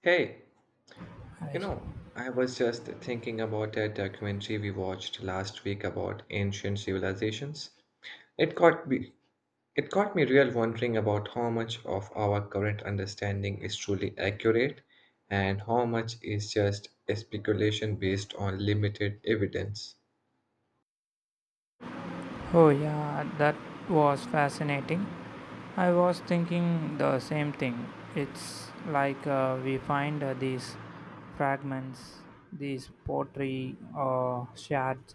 Hey, you I- know, I was just thinking about that documentary we watched last week about ancient civilizations. It got me, it got me real wondering about how much of our current understanding is truly accurate and how much is just a speculation based on limited evidence. Oh, yeah, that was fascinating. I was thinking the same thing. It's like we find these fragments, these pottery shards,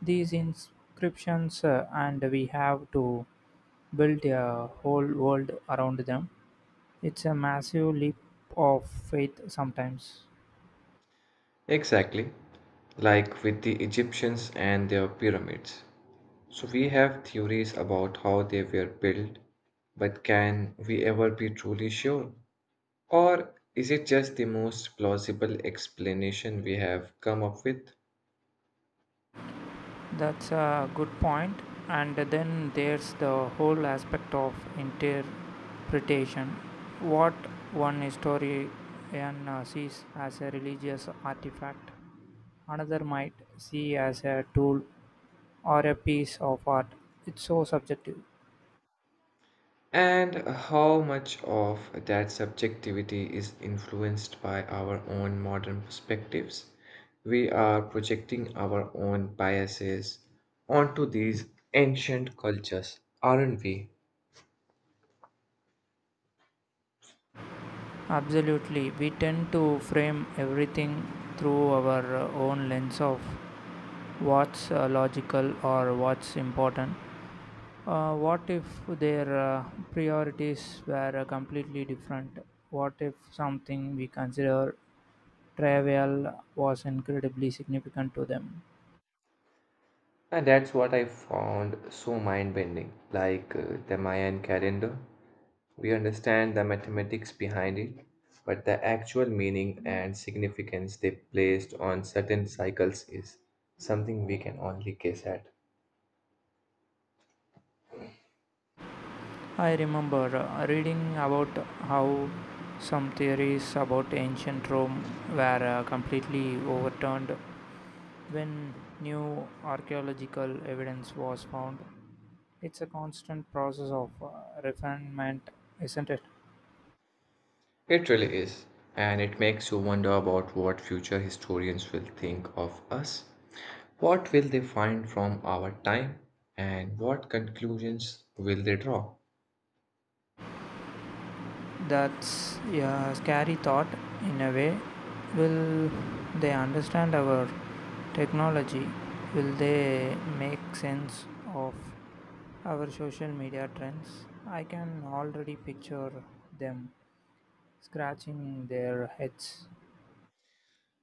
these inscriptions, and we have to build a whole world around them. It's a massive leap of faith sometimes. Exactly, like with the Egyptians and their pyramids. So we have theories about how they were built, but can we ever be truly sure? Or is it just the most plausible explanation we have come up with? That's a good point. And then there's the whole aspect of interpretation. What one historian sees as a religious artifact, another might see as a tool or a piece of art. It's so subjective. And how much of that subjectivity is influenced by our own modern perspectives? We are projecting our own biases onto these ancient cultures, aren't we? Absolutely. We tend to frame everything through our own lens of what's logical or what's important. What if their priorities were completely different? What if something we consider trivial was incredibly significant to them? And that's what I found so mind bending, like the Mayan calendar. We understand the mathematics behind it, but the actual meaning and significance they placed on certain cycles is something we can only guess at. I remember reading about how some theories about ancient Rome were completely overturned when new archaeological evidence was found. It's a constant process of refinement, isn't it? It really is, and it makes you wonder about what future historians will think of us. What will they find from our time, and what conclusions will they draw? That's a, yeah, scary thought in a way. Will they understand our technology? Will they make sense of our social media trends? I can already picture them scratching their heads.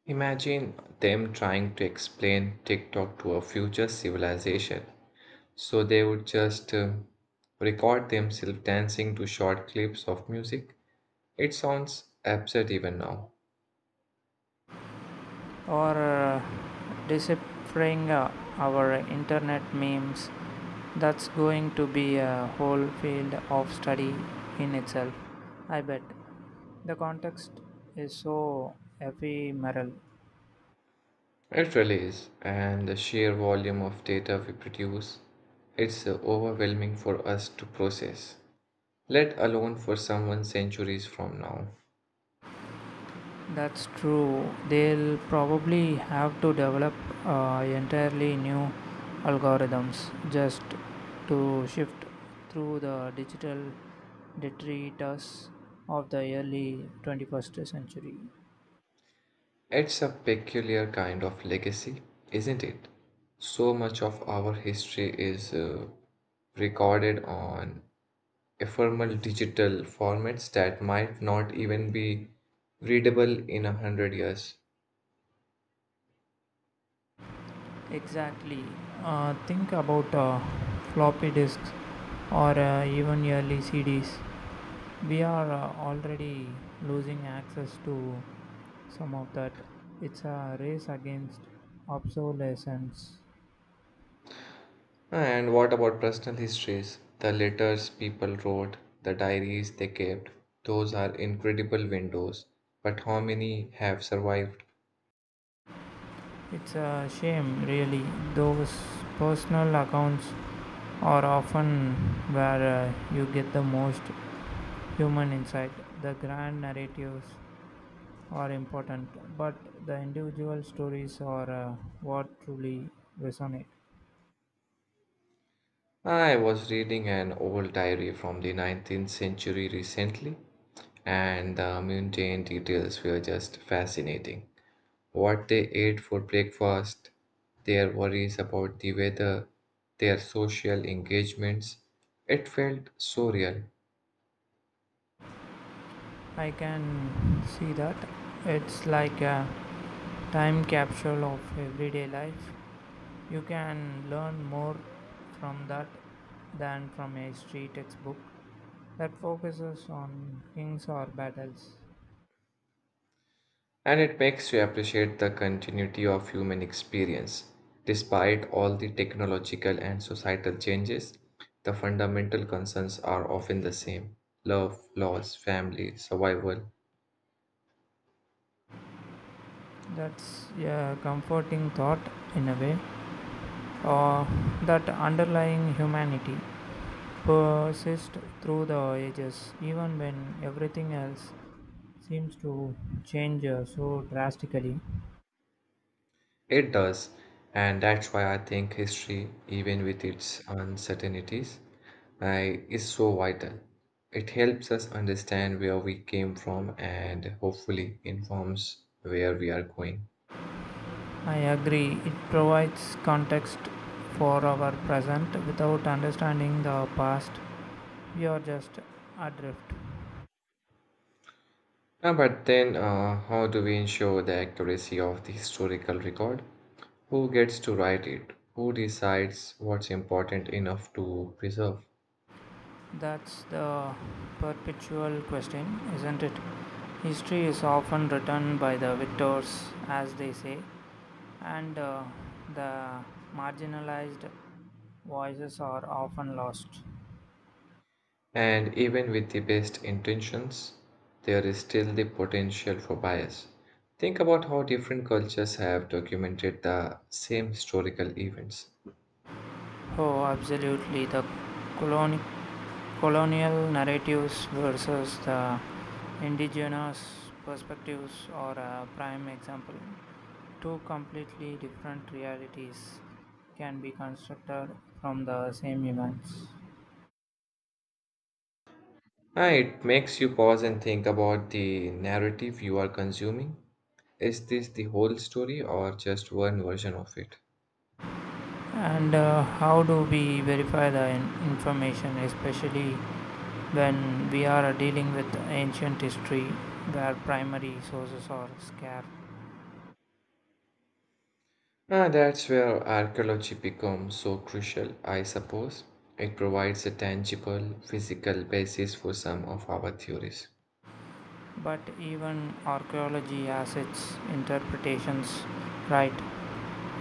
Imagine them trying to explain TikTok to a future civilization. So they would just record themselves dancing to short clips of music. It sounds absurd even now. Or deciphering our internet memes. That's going to be a whole field of study in itself, I bet. The context is so ephemeral. It really is, and the sheer volume of data we produce, it's overwhelming for us to process, let alone for someone centuries from now. That's true. They'll probably have to develop entirely new algorithms just to shift through the digital detritus of the early 21st century. It's a peculiar kind of legacy, isn't it? So much of our history is recorded on ephemeral digital formats that might not even be readable in a hundred years. Exactly. Think about floppy disks or even early CDs. We are already losing access to some of that. It's a race against obsolescence. And what about personal histories? The letters people wrote, the diaries they kept, those are incredible windows. But how many have survived? It's a shame, really. Those personal accounts are often where you get the most human insight. The grand narratives are important, but the individual stories are what truly resonate. I was reading an old diary from the 19th century recently, and the mundane details were just fascinating. What they ate for breakfast, their worries about the weather, their social engagements. It felt so real, I can see that. It's like a time capsule of everyday life. You can learn more from that than from a street textbook that focuses on kings or battles. and it makes you appreciate the continuity of human experience. Despite all the technological and societal changes, the fundamental concerns are often the same: love, loss, family, survival. That's a comforting thought in a way, or that underlying humanity persists through the ages, even when everything else seems to change so drastically. It does, and that's why I think history, even with its uncertainties, I is so vital. It helps us understand where we came from and hopefully informs where we are going. I agree, it provides context for our present. Without understanding the past, we are just adrift. But then, how do we ensure the accuracy of the historical record? Who gets to write it? Who decides what's important enough to preserve? That's the perpetual question, isn't it? History is often written by the victors, as they say, and the marginalized voices are often lost. And even with the best intentions, there is still the potential for bias. Think about how different cultures have documented the same historical events. Oh, absolutely. The colonic colonial narratives versus the indigenous perspectives are a prime example. Two completely different realities can be constructed from the same events. It makes you pause and think about the narrative you are consuming. Is this the whole story or just one version of it? And how do we verify the information, especially when we are dealing with ancient history where primary sources are scarce? Ah, that's where archaeology becomes so crucial, I suppose. It provides a tangible, physical basis for some of our theories. But even archaeology has its interpretations, right?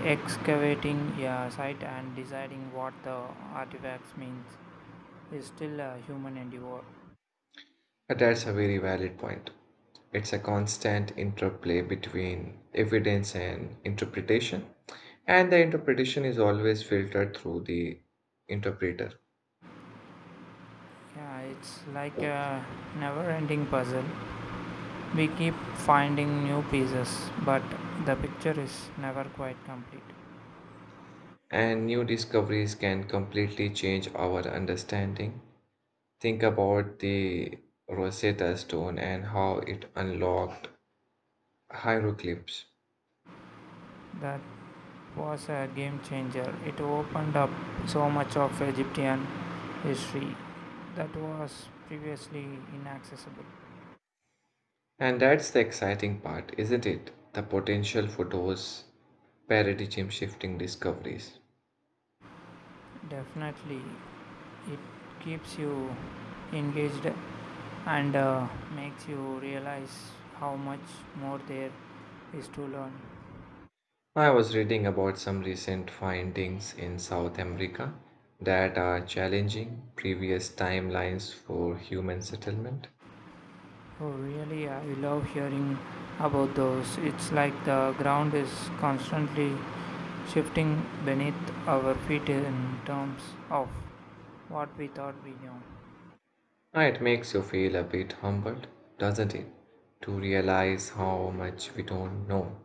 Excavating a site and deciding what the artifacts means is still a human endeavor. That's a very valid point. It's a constant interplay between evidence and interpretation, and the interpretation is always filtered through the interpreter. Yeah, it's like a never ending puzzle. We keep finding new pieces, but the picture is never quite complete. And new discoveries can completely change our understanding. Think about the Rosetta Stone and how it unlocked hieroglyphs. That was a game changer. It opened up so much of Egyptian history that was previously inaccessible. And that's the exciting part, isn't it? The potential for those paradigm shifting discoveries. Definitely, it keeps you engaged and makes you realize how much more there is to learn. I was reading about some recent findings in South America that are challenging previous timelines for human settlement. Oh, really, I love hearing about those. It's like the ground is constantly shifting beneath our feet in terms of what we thought we knew. Ah, It makes you feel a bit humbled, doesn't it, to realize how much we don't know.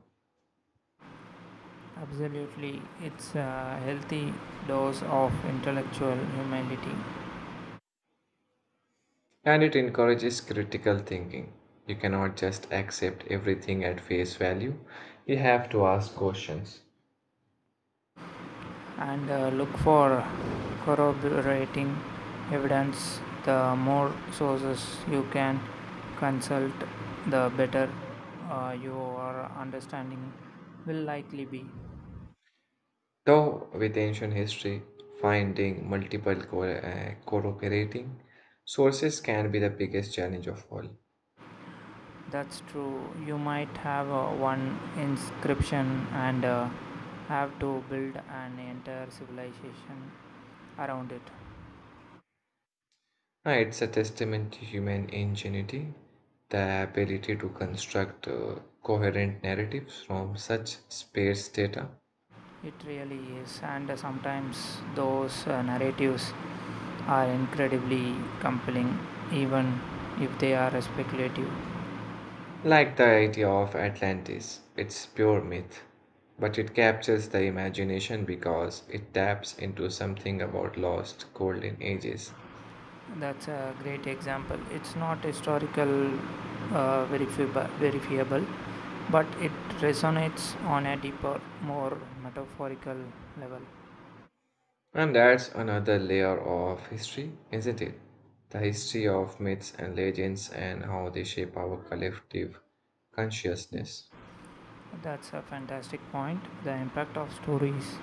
Absolutely, it's a healthy dose of intellectual humility. And it encourages critical thinking. You cannot just accept everything at face value, you have to ask questions. And look for corroborating evidence. The more sources you can consult, the better your understanding will likely be. Though with ancient history, finding multiple corroborating sources can be the biggest challenge of all. That's true. You might have one inscription and have to build an entire civilization around it. It's a testament to human ingenuity, the ability to construct coherent narratives from such sparse data. It really is, and sometimes those narratives are incredibly compelling, even if they are speculative. Like the idea of Atlantis, it's pure myth, but it captures the imagination because it taps into something about lost golden ages. That's a great example. It's not historical, verifiable, but it resonates on a deeper, more metaphorical level. And that's another layer of history, isn't it? The history of myths and legends and how they shape our collective consciousness. That's a fantastic point. The impact of stories,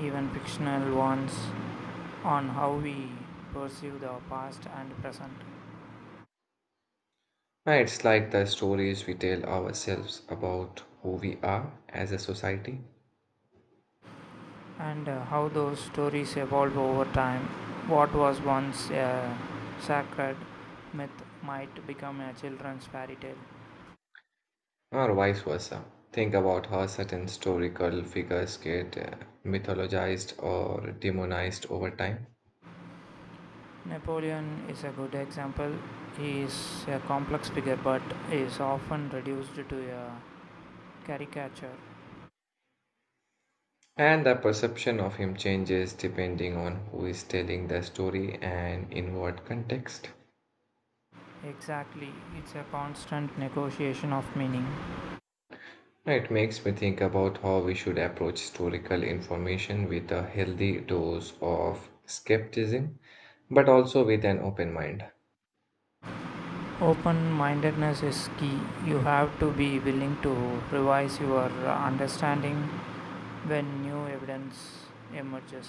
even fictional ones, on how we perceive the past and present. And it's like the stories we tell ourselves about who we are as a society, And how those stories evolve over time. What was once a sacred myth might become a children's fairy tale. or vice versa. Think about how certain historical figures get mythologized or demonized over time. Napoleon is a good example. He is a complex figure but is often reduced to a caricature. And the perception of him changes depending on who is telling the story and in what context. Exactly, it's a constant negotiation of meaning. It makes me think about how we should approach historical information with a healthy dose of skepticism, but also with an open mind, Open mindedness is key. You have to be willing to revise your understanding when new evidence emerges.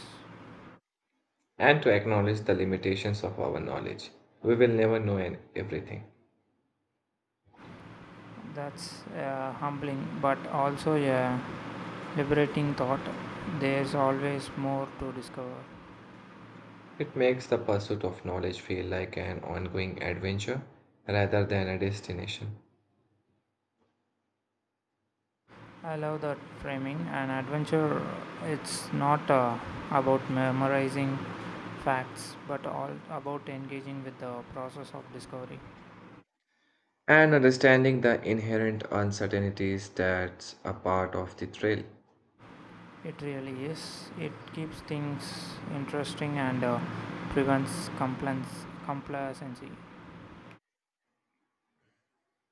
and to acknowledge the limitations of our knowledge. We will never everything. That's a humbling but also a liberating thought. There's always more to discover. It makes the pursuit of knowledge feel like an ongoing adventure rather than a destination. I love that framing. An adventure, it's not about memorizing facts but all about engaging with the process of discovery. And understanding the inherent uncertainties that's a part of the thrill. It really is. It keeps things interesting and prevents complacency.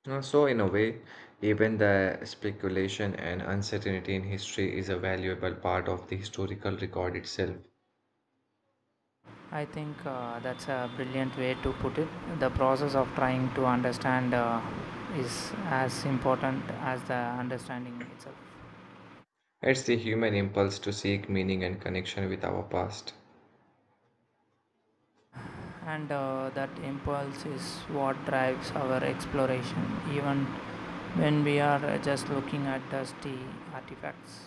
So, in a way, even the speculation and uncertainty in history is a valuable part of the historical record itself. I think that's a brilliant way to put it. The process of trying to understand is as important as the understanding itself. It's the human impulse to seek meaning and connection with our past, And that impulse is what drives our exploration, even when we are just looking at dusty artifacts.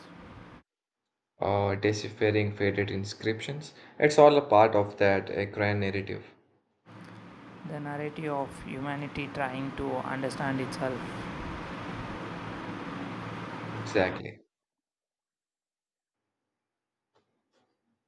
or deciphering faded inscriptions. It's all a part of that grand narrative. The narrative of humanity trying to understand itself. Exactly.